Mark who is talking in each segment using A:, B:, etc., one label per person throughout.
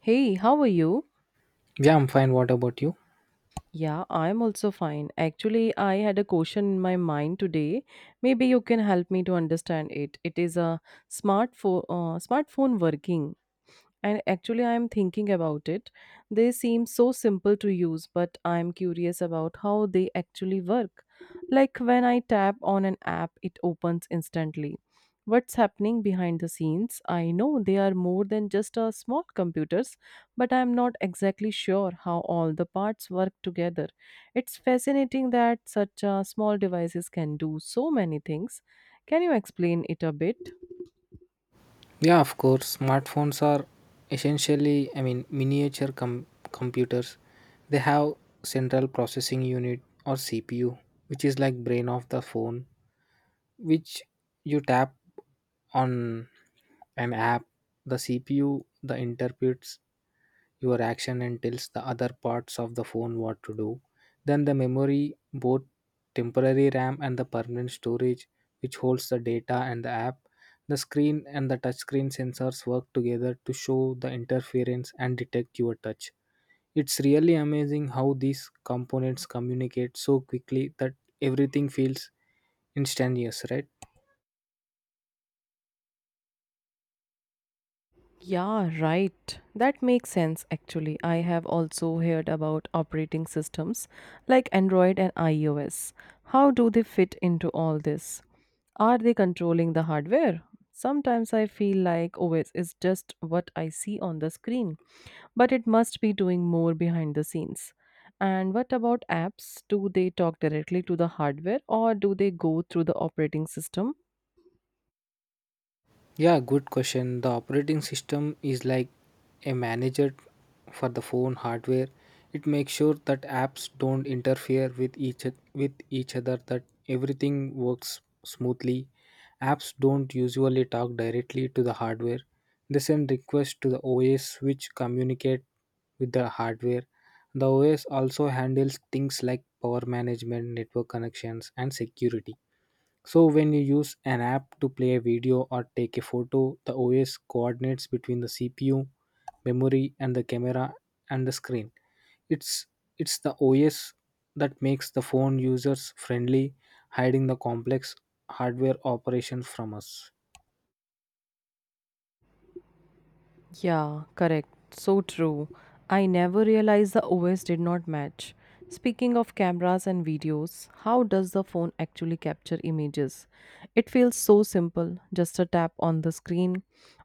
A: Hey, how are you?
B: Yeah, I'm fine. What about you?
A: Yeah, I'm also fine. Actually, I had a question in my mind today. Maybe you can help me to understand it. It is a smartphone working. And actually, I'm thinking about it. They seem so simple to use, but I'm curious about how they actually work. Like when I tap on an app, it opens instantly. What's happening behind the scenes? I know they are more than just a small computers, but I'm not exactly sure how all the parts work together. It's fascinating that such small devices can do so many things. Can you explain it a bit?
B: Yeah, of course. Smartphones are essentially, I mean, miniature computers. They have central processing unit or CPU, which is like brain of the phone, which you tap on an app. The CPU the interprets your action and tells the other parts of the phone what to do. Then the memory, both temporary RAM and the permanent storage, which holds the data and the app. The screen and the touchscreen sensors work together to show the interference and detect your touch. It's really amazing how these components communicate so quickly that everything feels instantaneous, right?
A: Yeah, right. That makes sense actually. I have also heard about operating systems like Android and iOS. How do they fit into all this? Are they controlling the hardware? Sometimes I feel like OS is just what I see on the screen, but it must be doing more behind the scenes. And what about apps? Do they talk directly to the hardware or do they go through the operating system?
B: Yeah, good question. The operating system is like a manager for the phone hardware. It makes sure that apps don't interfere with each other, that everything works smoothly. Apps don't usually talk directly to the hardware. They send requests to the OS, which communicate with the hardware. The OS also handles things like power management, network connections, and security. So when you use an app to play a video or take a photo, the OS coordinates between the CPU, memory, and the camera and the screen. It's it's the OS that makes the phone users friendly, hiding the complex hardware operations from us.
A: Yeah, correct. So true. I never realized the OS did not match. Speaking of cameras and videos, how does the phone actually capture images? It feels so simple, just a tap on the screen,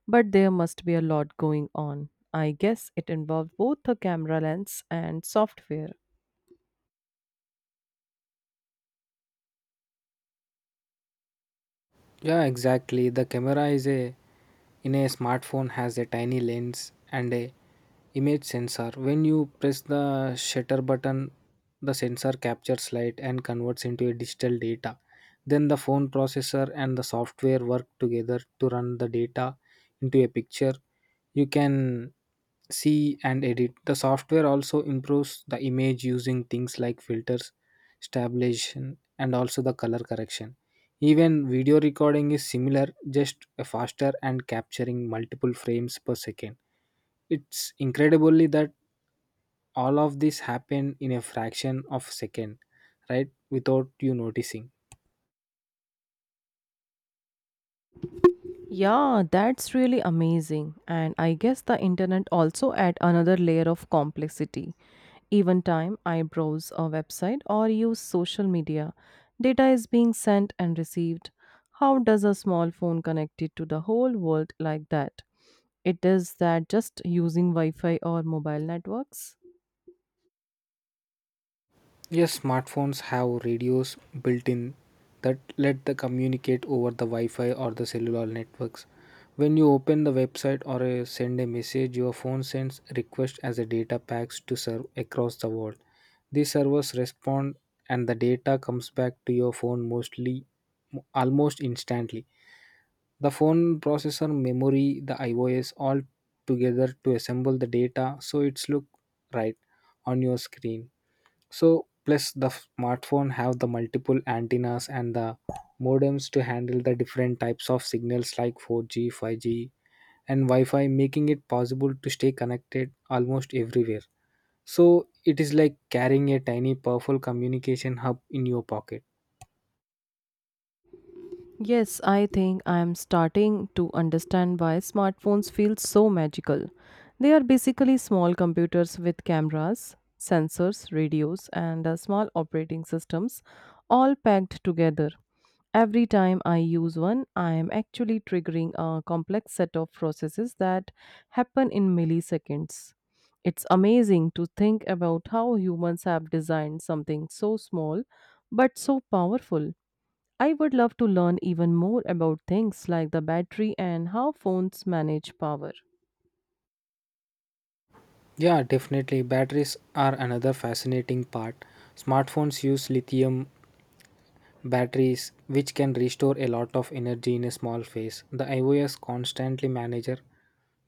A: but there must be a lot going on. I guess it involved both the camera lens and software.
B: Yeah, exactly. The camera is a in a smartphone has a tiny lens and a image sensor. When you press the shutter button, the sensor captures light and converts into a digital data. Then the phone processor and the software work together to run the data into a picture. You can see and edit. The software also improves the image using things like filters, stabilization, and also the color correction. Even video recording is similar, just faster and capturing multiple frames per second. It's incredibly that all of this happen in a fraction of a second, right? Without you noticing.
A: Yeah, that's really amazing. And I guess the internet also add another layer of complexity. Even time I browse a website or use social media, data is being sent and received. How does a small phone connect it to the whole world like that? It is that just using Wi-Fi or mobile networks?
B: Yes, smartphones have radios built in that let the communicate over the Wi-Fi or the cellular networks. When you open the website or send a message, your phone sends request as a data packs to serve across the world. These servers respond and the data comes back to your phone mostly almost instantly. The phone processor, memory, the iOS all together to assemble the data so it's look right on your screen. So plus the smartphone have the multiple antennas and the modems to handle the different types of signals like 4G, 5G, and Wi-Fi, making it possible to stay connected almost everywhere. So it is like carrying a tiny powerful communication hub in your pocket.
A: Yes, I think I am starting to understand why smartphones feel so magical. They are basically small computers with cameras, sensors, radios, and small operating systems all packed together. Every time I use one, I am actually triggering a complex set of processes that happen in milliseconds. It's amazing to think about how humans have designed something so small but so powerful. I would love to learn even more about things like the battery and how phones manage power.
B: Yeah, definitely. Batteries are another fascinating part. Smartphones use lithium batteries, which can restore a lot of energy in a small phase. The iOS constantly manager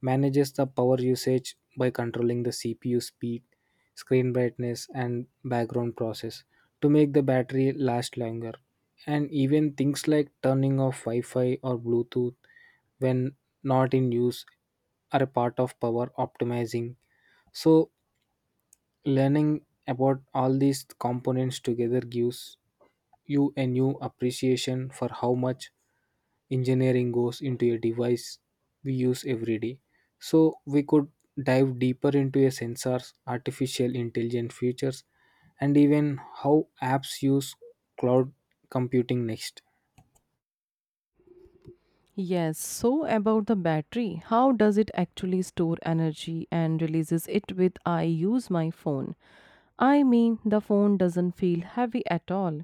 B: manages the power usage by controlling the CPU speed, screen brightness, and background process to make the battery last longer. And even things like turning off Wi Fi or Bluetooth when not in use are a part of power optimizing. So, learning about all these components together gives you a new appreciation for how much engineering goes into a device we use every day. So, we could dive deeper into a sensors, artificial intelligence features, and even how apps use cloud computing next.
A: Yes, so about the battery, how does it actually store energy and releases it with I use my phone? I mean, the phone doesn't feel heavy at all,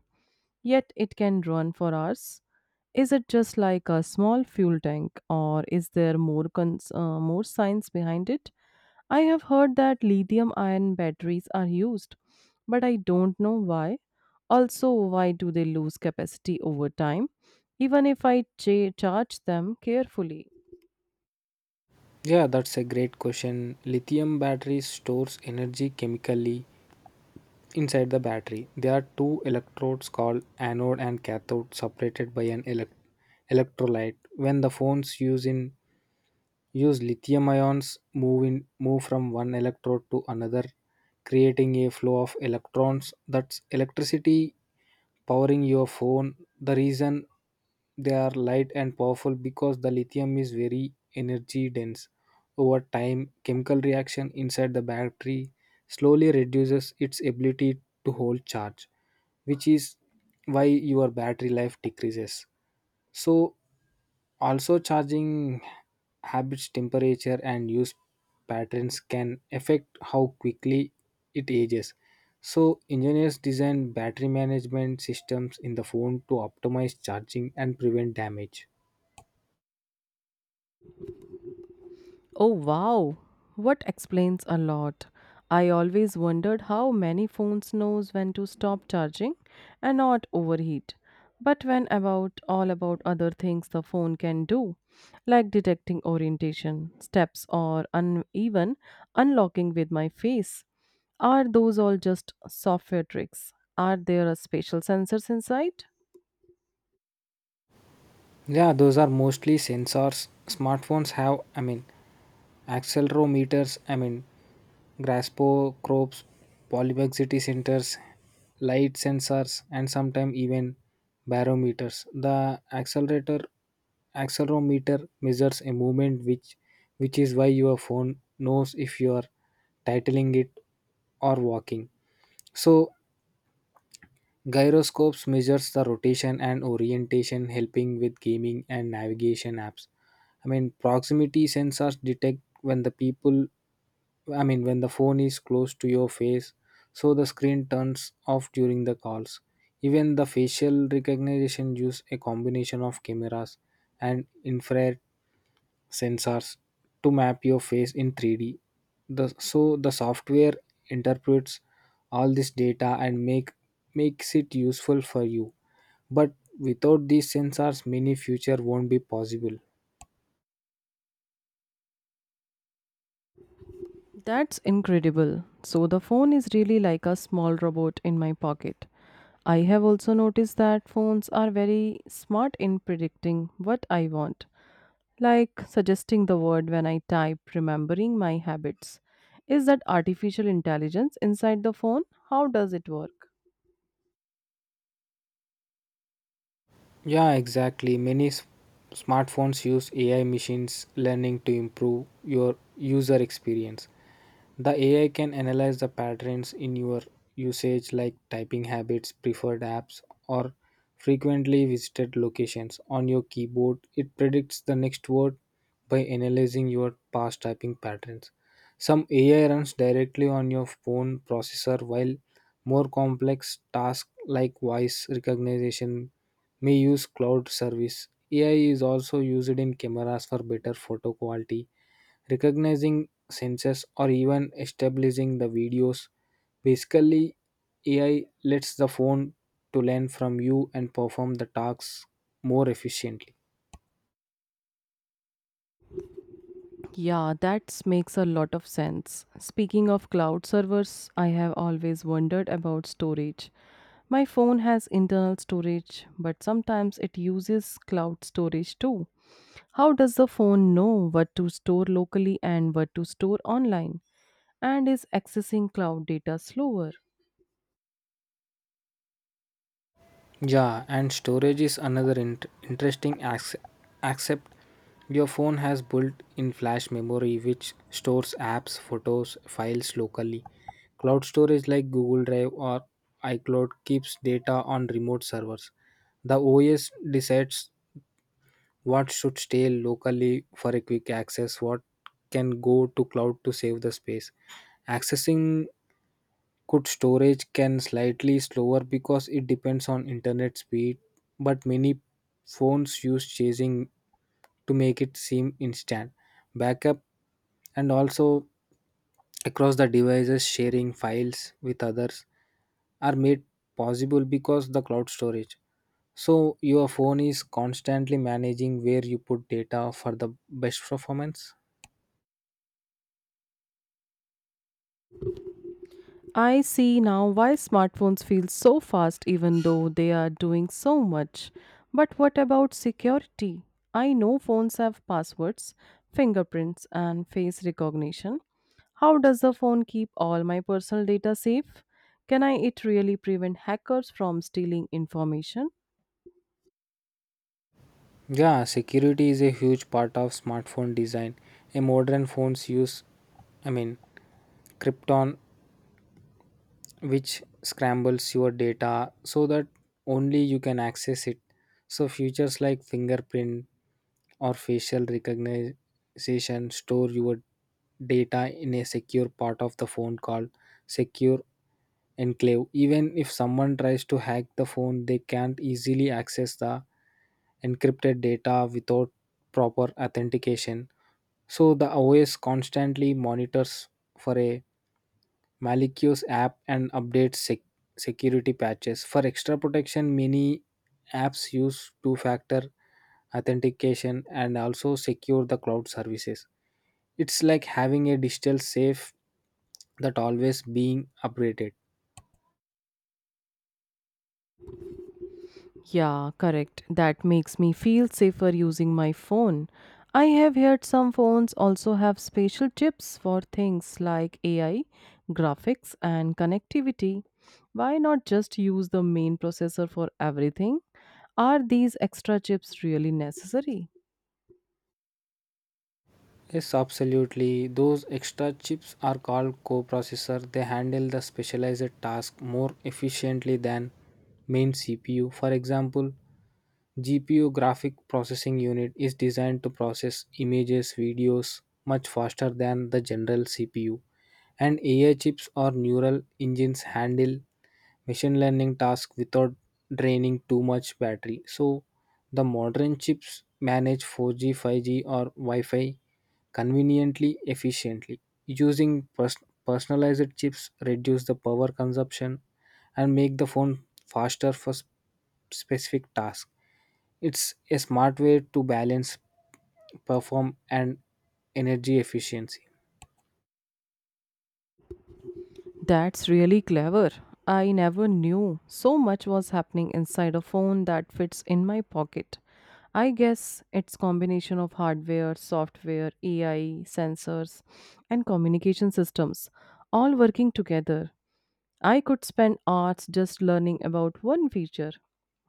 A: yet it can run for hours. Is it just like a small fuel tank or is there more science behind it? I have heard that lithium ion batteries are used, but I don't know why. Also, why do they lose capacity over time, even if I charge them carefully?
B: Yeah, that's a great question. Lithium batteries stores energy chemically inside the battery. There are two electrodes called anode and cathode separated by an electrolyte. When the phones use lithium ions move from one electrode to another, creating a flow of electrons, that's electricity powering your phone. The reason they are light and powerful because the lithium is very energy dense. Over time, chemical reaction inside the battery slowly reduces its ability to hold charge, which is why your battery life decreases. So also, charging habits, temperature, and use patterns can affect how quickly it ages. So, engineers design battery management systems in the phone to optimize charging and prevent damage.
A: Oh wow, what explains a lot. I always wondered how many phones knows when to stop charging and not overheat. But when about all about other things the phone can do, like detecting orientation, steps or uneven unlocking with my face. Are those all just software tricks? Are there a special sensors inside?
B: Yeah, those are mostly sensors. Smartphones have, I mean, accelerometers, I mean, graspo probes, polymexity centers, light sensors, and sometimes even barometers. The accelerator accelerometer measures a movement, which is why your phone knows if you are titling it or walking. So gyroscopes measures the rotation and orientation, helping with gaming and navigation apps. I mean, proximity sensors detect when the people, I mean, when the phone is close to your face, so the screen turns off during the calls. Even the facial recognition use a combination of cameras and infrared sensors to map your face in 3D. So the software interprets all this data and makes it useful for you. But without these sensors, many future won't be possible.
A: That's incredible. So the phone is really like a small robot in my pocket. I have also noticed that phones are very smart in predicting what I want. Like suggesting the word when I type remembering my habits. Is that artificial intelligence inside the phone? How does it work?
B: Yeah, exactly. Many smartphones use AI machines learning to improve your user experience. The AI can analyze the patterns in your usage, like typing habits, preferred apps, or frequently visited locations on your keyboard. It predicts the next word by analyzing your past typing patterns. Some AI runs directly on your phone processor, while more complex tasks like voice recognition may use cloud service. AI is also used in cameras for better photo quality recognizing senses, or even establishing the videos. Basically, AI lets the phone to learn from you and perform the tasks more efficiently.
A: Yeah, that makes a lot of sense. Speaking of cloud servers, I have always wondered about storage. My phone has internal storage, but sometimes it uses cloud storage too. How does the phone know what to store locally and what to store online? And is accessing cloud data slower?
B: Yeah, and storage is another interesting accept. Your phone has built-in flash memory which stores apps, photos, files locally. Cloud storage like Google Drive or iCloud keeps data on remote servers. The OS decides what should stay locally for a quick access. What can go to cloud to save the space? Accessing good storage can slightly slower because it depends on internet speed, but many phones use chasing to make it seem instant. Backup and also across the devices sharing files with others are made possible because the cloud storage, so your phone is constantly managing where you put data for the best performance.
A: I see now why smartphones feel so fast even though they are doing so much. But what about security? I know phones have passwords, fingerprints, and face recognition. How does the phone keep all my personal data safe? Can I it really prevent hackers from stealing information?
B: Yeah, security is a huge part of smartphone design. A modern phones use, I mean, krypton, which scrambles your data so that only you can access it. So, features like fingerprint or facial recognition store your data in a secure part of the phone called secure enclave. Even if someone tries to hack the phone, they can't easily access the encrypted data without proper authentication. So, the OS constantly monitors for a Malicio's app and updates security patches. For extra protection, many apps use two factor authentication and also secure the cloud services. It's like having a digital safe that always being upgraded.
A: Yeah, correct. That makes me feel safer using my phone. I have heard some phones also have special chips for things like AI, graphics, and connectivity. Why not just use the main processor for everything? Are these extra chips really necessary?
B: Yes, absolutely. Those extra chips are called coprocessor. They handle the specialized task more efficiently than main CPU. For example, GPU graphic processing unit is designed to process images, videos much faster than the general CPU. And AI chips or neural engines handle machine learning tasks without draining too much battery. So the modern chips manage 4G, 5G, or Wi-Fi conveniently efficiently. Using personalized chips reduce the power consumption and make the phone faster for specific tasks. It's a smart way to balance perform and energy efficiency.
A: That's really clever. I never knew so much was happening inside a phone that fits in my pocket. I guess it's combination of hardware, software, AI, sensors and communication systems all working together. I could spend hours just learning about one feature.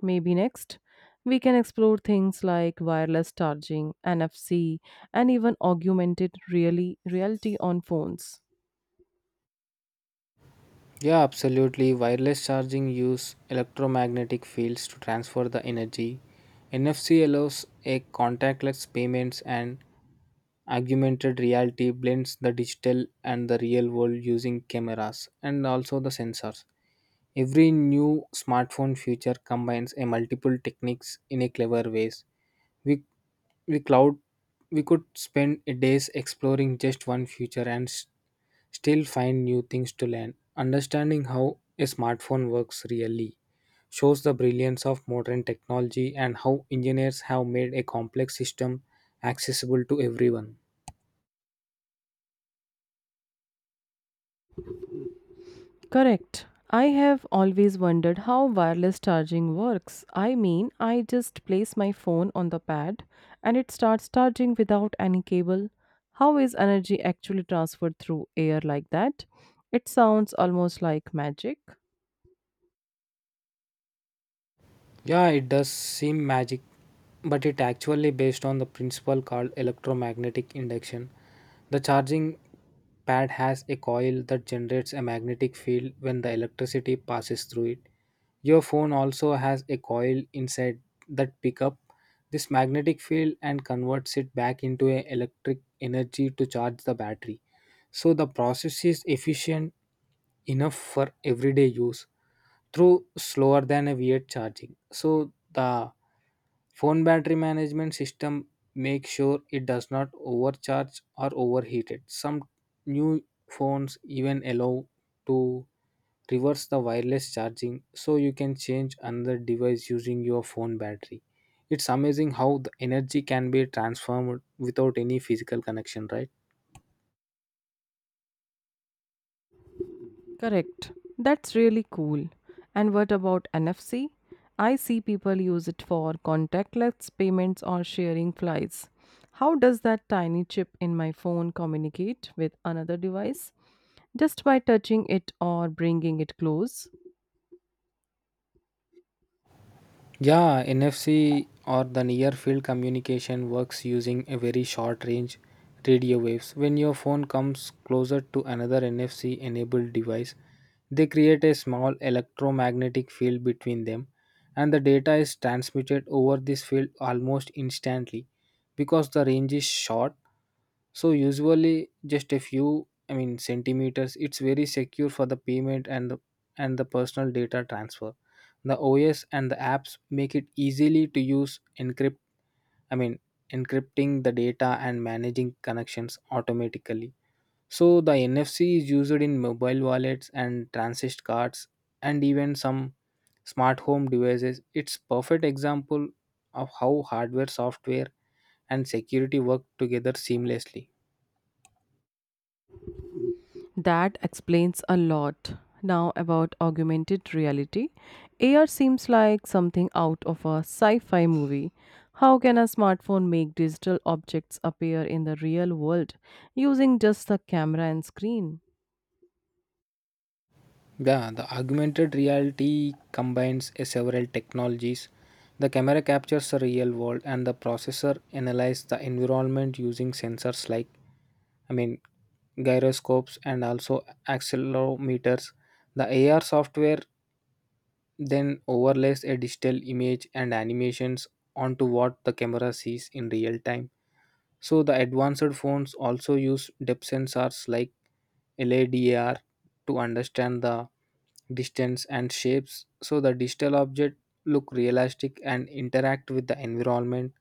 A: Maybe next we can explore things like wireless charging, NFC and even augmented really reality on phones.
B: Yeah, absolutely. Wireless charging use electromagnetic fields to transfer the energy. NFC allows a contactless payments, and augmented reality blends the digital and the real world using cameras and also the sensors. Every new smartphone feature combines a multiple techniques in a clever ways. We we we cloud we could spend days exploring just one future and still find new things to learn. Understanding how a smartphone works really shows the brilliance of modern technology and how engineers have made a complex system accessible to everyone.
A: Correct. I have always wondered how wireless charging works. I mean, I just place my phone on the pad and it starts charging without any cable. How is energy actually transferred through air like that? It sounds almost like magic.
B: Yeah, it does seem magic, but it actually based on the principle called electromagnetic induction. The charging pad has a coil that generates a magnetic field when the electricity passes through it. Your phone also has a coil inside that pick up this magnetic field and converts it back into an electric energy to charge the battery. So the process is efficient enough for everyday use through slower than a V8 charging. So the phone battery management system makes sure it does not overcharge or overheated. Some new phones even allow to reverse the wireless charging so you can change another device using your phone battery. It's amazing how the energy can be transformed without any physical connection, right?
A: Correct. That's really cool. And what about NFC? I see people use it for contactless payments or sharing flights. How does that tiny chip in my phone communicate with another device? Just by touching it or bringing it close?
B: Yeah, NFC or the near field communication works using a very short range radio waves. When your phone comes closer to another NFC enabled device, they create a small electromagnetic field between them, and the data is transmitted over this field almost instantly because the range is short. So usually just a few, I mean centimeters. It's very secure for the payment and the personal data transfer. The OS and the apps make it easily to use I mean encrypting the data and managing connections automatically. So the NFC is used in mobile wallets and transit cards and even some smart home devices. It's perfect example of how hardware, software, and security work together seamlessly.
A: That explains a lot. Now, about augmented reality. AR seems like something out of a sci fi movie. How can a smartphone make digital objects appear in the real world using just the camera and screen?
B: Yeah, the augmented reality combines a several technologies. The camera captures the real world and the processor analyzes the environment using sensors like I mean gyroscopes and also accelerometers. The AR software then overlays a digital image and animations onto what the camera sees in real time. So the advanced phones also use depth sensors like LADR to understand the distance and shapes so the digital object look realistic and interact with the environment.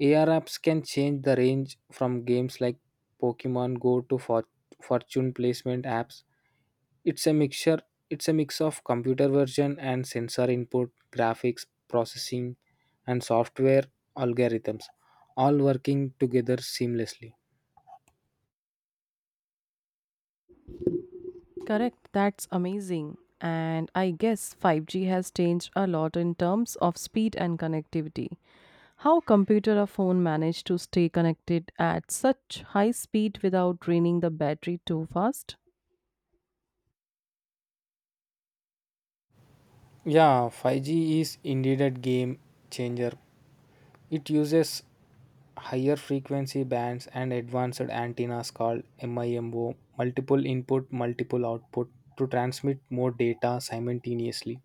B: AR apps can change the range from games like Pokemon Go to fortune placement apps. It's a mixture it's a mix of computer version and sensor input, graphics, processing and software algorithms all working together seamlessly.
A: Correct, that's amazing. And I guess 5G has changed a lot in terms of speed and connectivity. How computer or phone manage to stay connected at such high speed without draining the battery too fast?
B: Yeah, 5G is indeed a game changer. It uses higher frequency bands and advanced antennas called MIMO, multiple input, multiple output, to transmit more data simultaneously.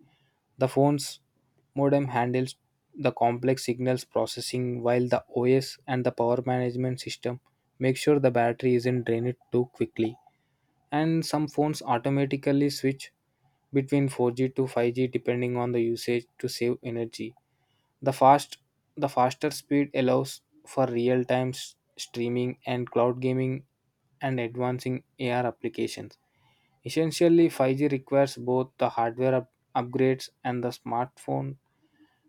B: The phone's modem handles the complex signals processing while the OS and the power management system make sure the battery isn't drained too quickly. And some phones automatically switch between 4G to 5G depending on the usage to save energy. The fast the faster speed allows for real-time streaming and cloud gaming and advancing AR applications. Essentially, 5G requires both the hardware upgrades and the smartphone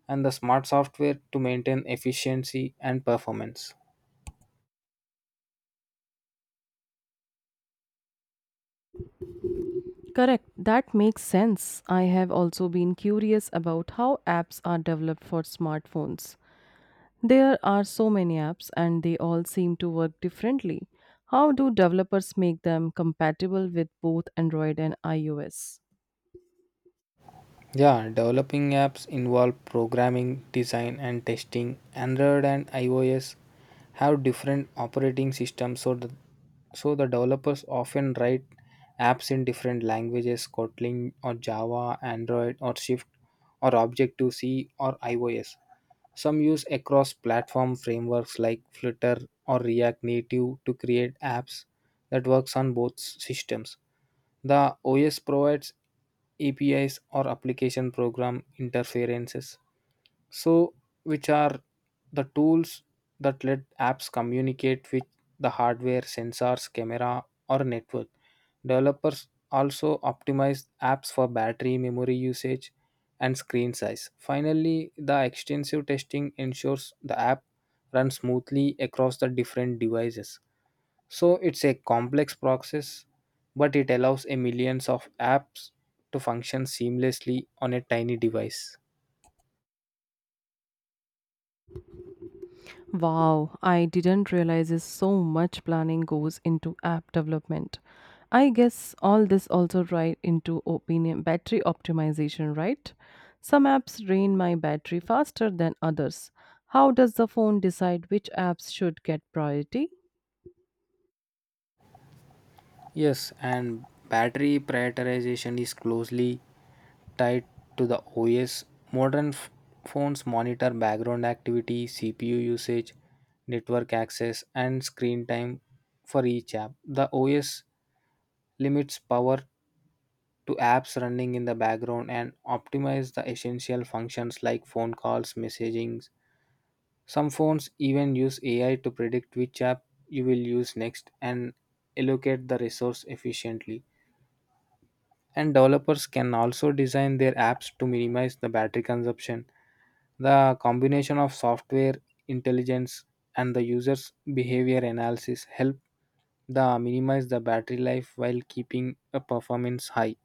B: and the smart software to maintain efficiency and performance.
A: Correct, that makes sense. I have also been curious about how apps are developed for smartphones. There are so many apps and they all seem to work differently. How do developers make them compatible with both Android and iOS?
B: Yeah, developing apps involve programming, design, and testing. Android and iOS have different operating systems, so the developers often write apps in different languages Kotlin or Java, Android or Swift or Objective C or iOS. Some use across platform frameworks like Flutter or React Native to create apps that works on both systems. The OS provides APIs or application program interfaces. So, which are the tools that let apps communicate with the hardware, sensors, camera, or network? Developers also optimize apps for battery, memory usage, and screen size. Finally, the extensive testing ensures the app runs smoothly across the different devices. So, it's a complex process, but it allows a millions of apps to function seamlessly on a tiny device.
A: Wow, I didn't realize is so much planning goes into app development. I guess all this also right into opinion battery optimization, right? Some apps drain my battery faster than others. How does the phone decide which apps should get priority?
B: Yes, and battery prioritization is closely tied to the OS. Modern phones monitor background activity, CPU usage, network access, and screen time for each app. The OS limits power to apps running in the background and optimize the essential functions like phone calls, messaging. Some phones even use AI to predict which app you will use next and allocate the resource efficiently. And developers can also design their apps to minimize the battery consumption. The combination of software intelligence and the user's behavior analysis help the minimize the battery life while keeping a performance high.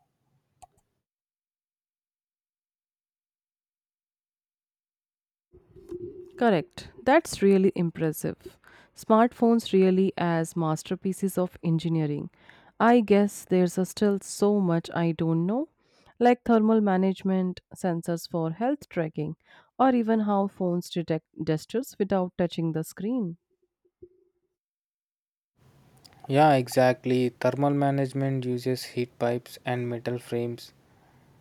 A: Correct. That's really impressive. Smartphones really as masterpieces of engineering. I guess there's a still so much I don't know, like thermal management, sensors for health tracking, or even how phones detect gestures without touching the screen.
B: Yeah, exactly. Thermal management uses heat pipes and metal frames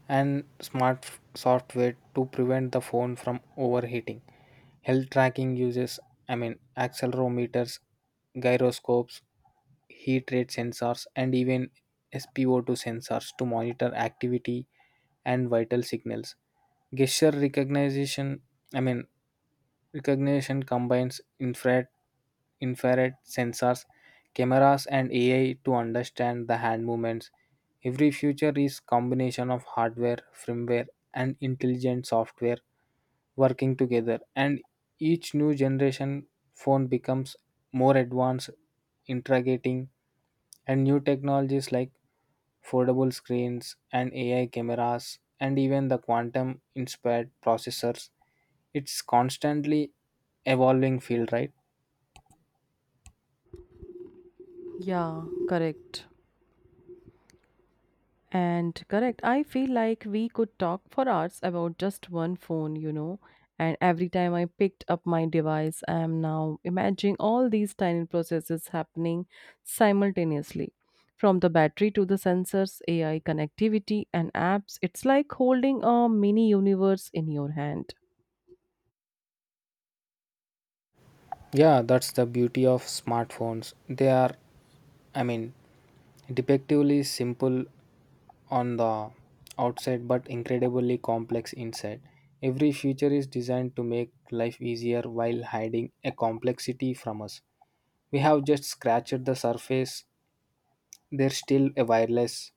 B: and smart software to prevent the phone from overheating. Health tracking uses, accelerometers, gyroscopes, heat rate sensors, and even SpO2 sensors to monitor activity and vital signals. Gesture recognition, I mean, recognition combines infrared sensors, cameras, and AI to understand the hand movements. Every feature is combination of hardware, firmware, and intelligent software working together and each new generation phone becomes more advanced integrating and new technologies like foldable screens and AI cameras and even the quantum inspired processors. It's constantly evolving field, right?
A: Yeah, correct. And correct, I feel like we could talk for hours about just one phone, you know. And every time I picked up my device, I am now imagining all these tiny processes happening simultaneously. From the battery to the sensors, AI connectivity, and apps, it's like holding a mini universe in your hand.
B: Yeah, that's the beauty of smartphones. They are I mean depictively simple on the outside but incredibly complex inside. Every feature is designed to make life easier while hiding a complexity from us. We have just scratched the surface. There's still a wireless,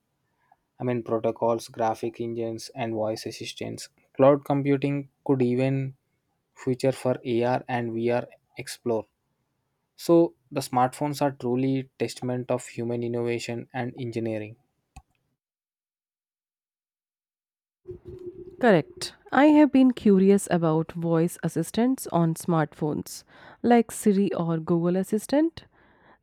B: I mean, protocols, graphic engines, and voice assistants. Cloud computing could even feature for AR and VR explore. So the smartphones are truly testament of human innovation and engineering.
A: Correct. I have been curious about voice assistants on smartphones, like Siri or Google Assistant.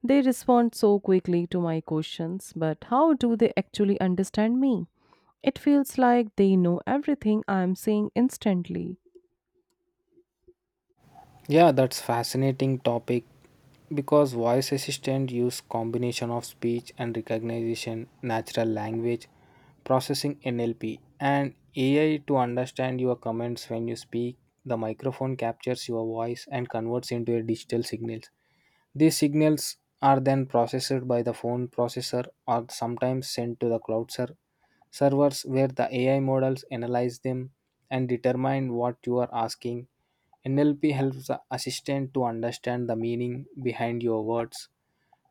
A: They respond so quickly to my questions, but how do they actually understand me? It feels like they know everything I am saying instantly.
B: Yeah, that's fascinating topic because voice assistant use combination of speech and recognition, natural language processing NLP and AI to understand your comments when you speak. The microphone captures your voice and converts into a digital signal. These signals are then processed by the phone processor or sometimes sent to the cloud servers where the AI models analyze them and determine what you are asking. NLP helps the assistant to understand the meaning behind your words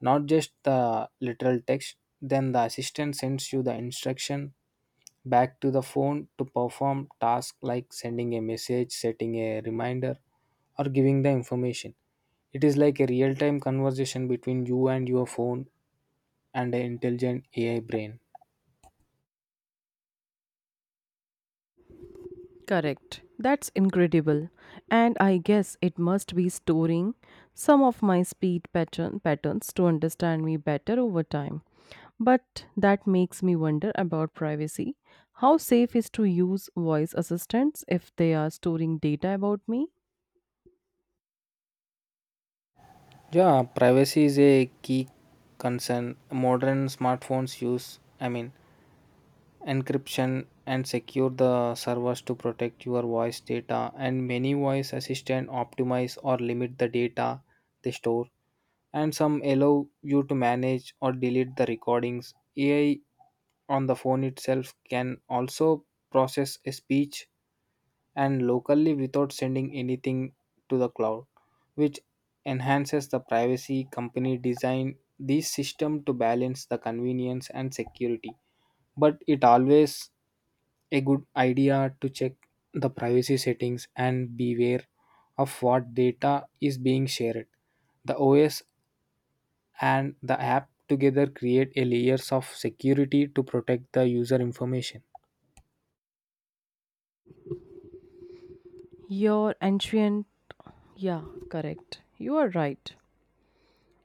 B: not just the literal text. Then the assistant sends you the instruction back to the phone to perform tasks like sending a message, setting a reminder, or giving the information. It is like a real time conversation between you and your phone and an intelligent AI brain.
A: Correct. That's incredible. And I guess it must be storing some of my speed pattern patterns to understand me better over time. But that makes me wonder about privacy. How safe is to use voice assistants if they are storing data about me?
B: Yeah, privacy is a key concern. Modern smartphones use, encryption and secure the servers to protect your voice data and many voice assistant optimize or limit the data they store and some allow you to manage or delete the recordings. AI on the phone itself can also process a speech and locally without sending anything to the cloud which enhances the privacy. Company design these system to balance the convenience and security but it always a good idea to check the privacy settings and beware of what data is being shared. The OS and the app together create a layers of security to protect the user information.
A: Your ancient, yeah, correct. You are right.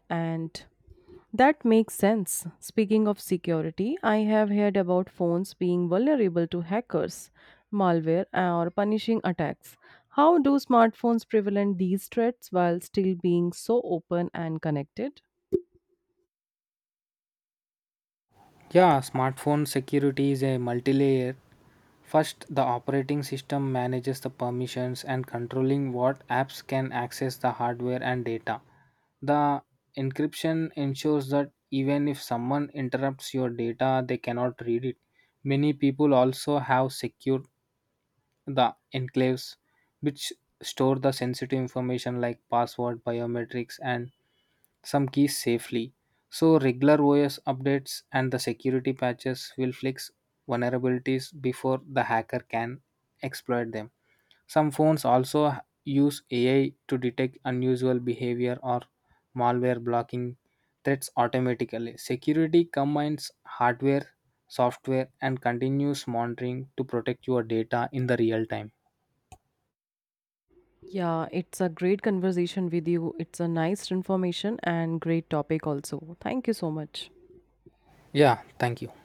A: And that makes sense. Speaking of security, I have heard about phones being vulnerable to hackers, malware, or punishing attacks. How do smartphones prevent these threats while still being so open and connected?
B: Yeah, smartphone security is a multi-layer. First, the operating system manages the permissions and controlling what apps can access the hardware and data. The encryption ensures that even if someone interrupts your data, they cannot read it. Many people also have secured the enclaves which store the sensitive information like password, biometrics and some keys safely. So, regular OS updates and the security patches will fix vulnerabilities before the hacker can exploit them. Some phones also use AI to detect unusual behavior or malware blocking threats automatically. Security combines hardware, software, and continuous monitoring to protect your data in the real time.
A: Yeah, it's a great conversation with you. It's a nice information and great topic also. Thank you so much.
B: Yeah, thank you.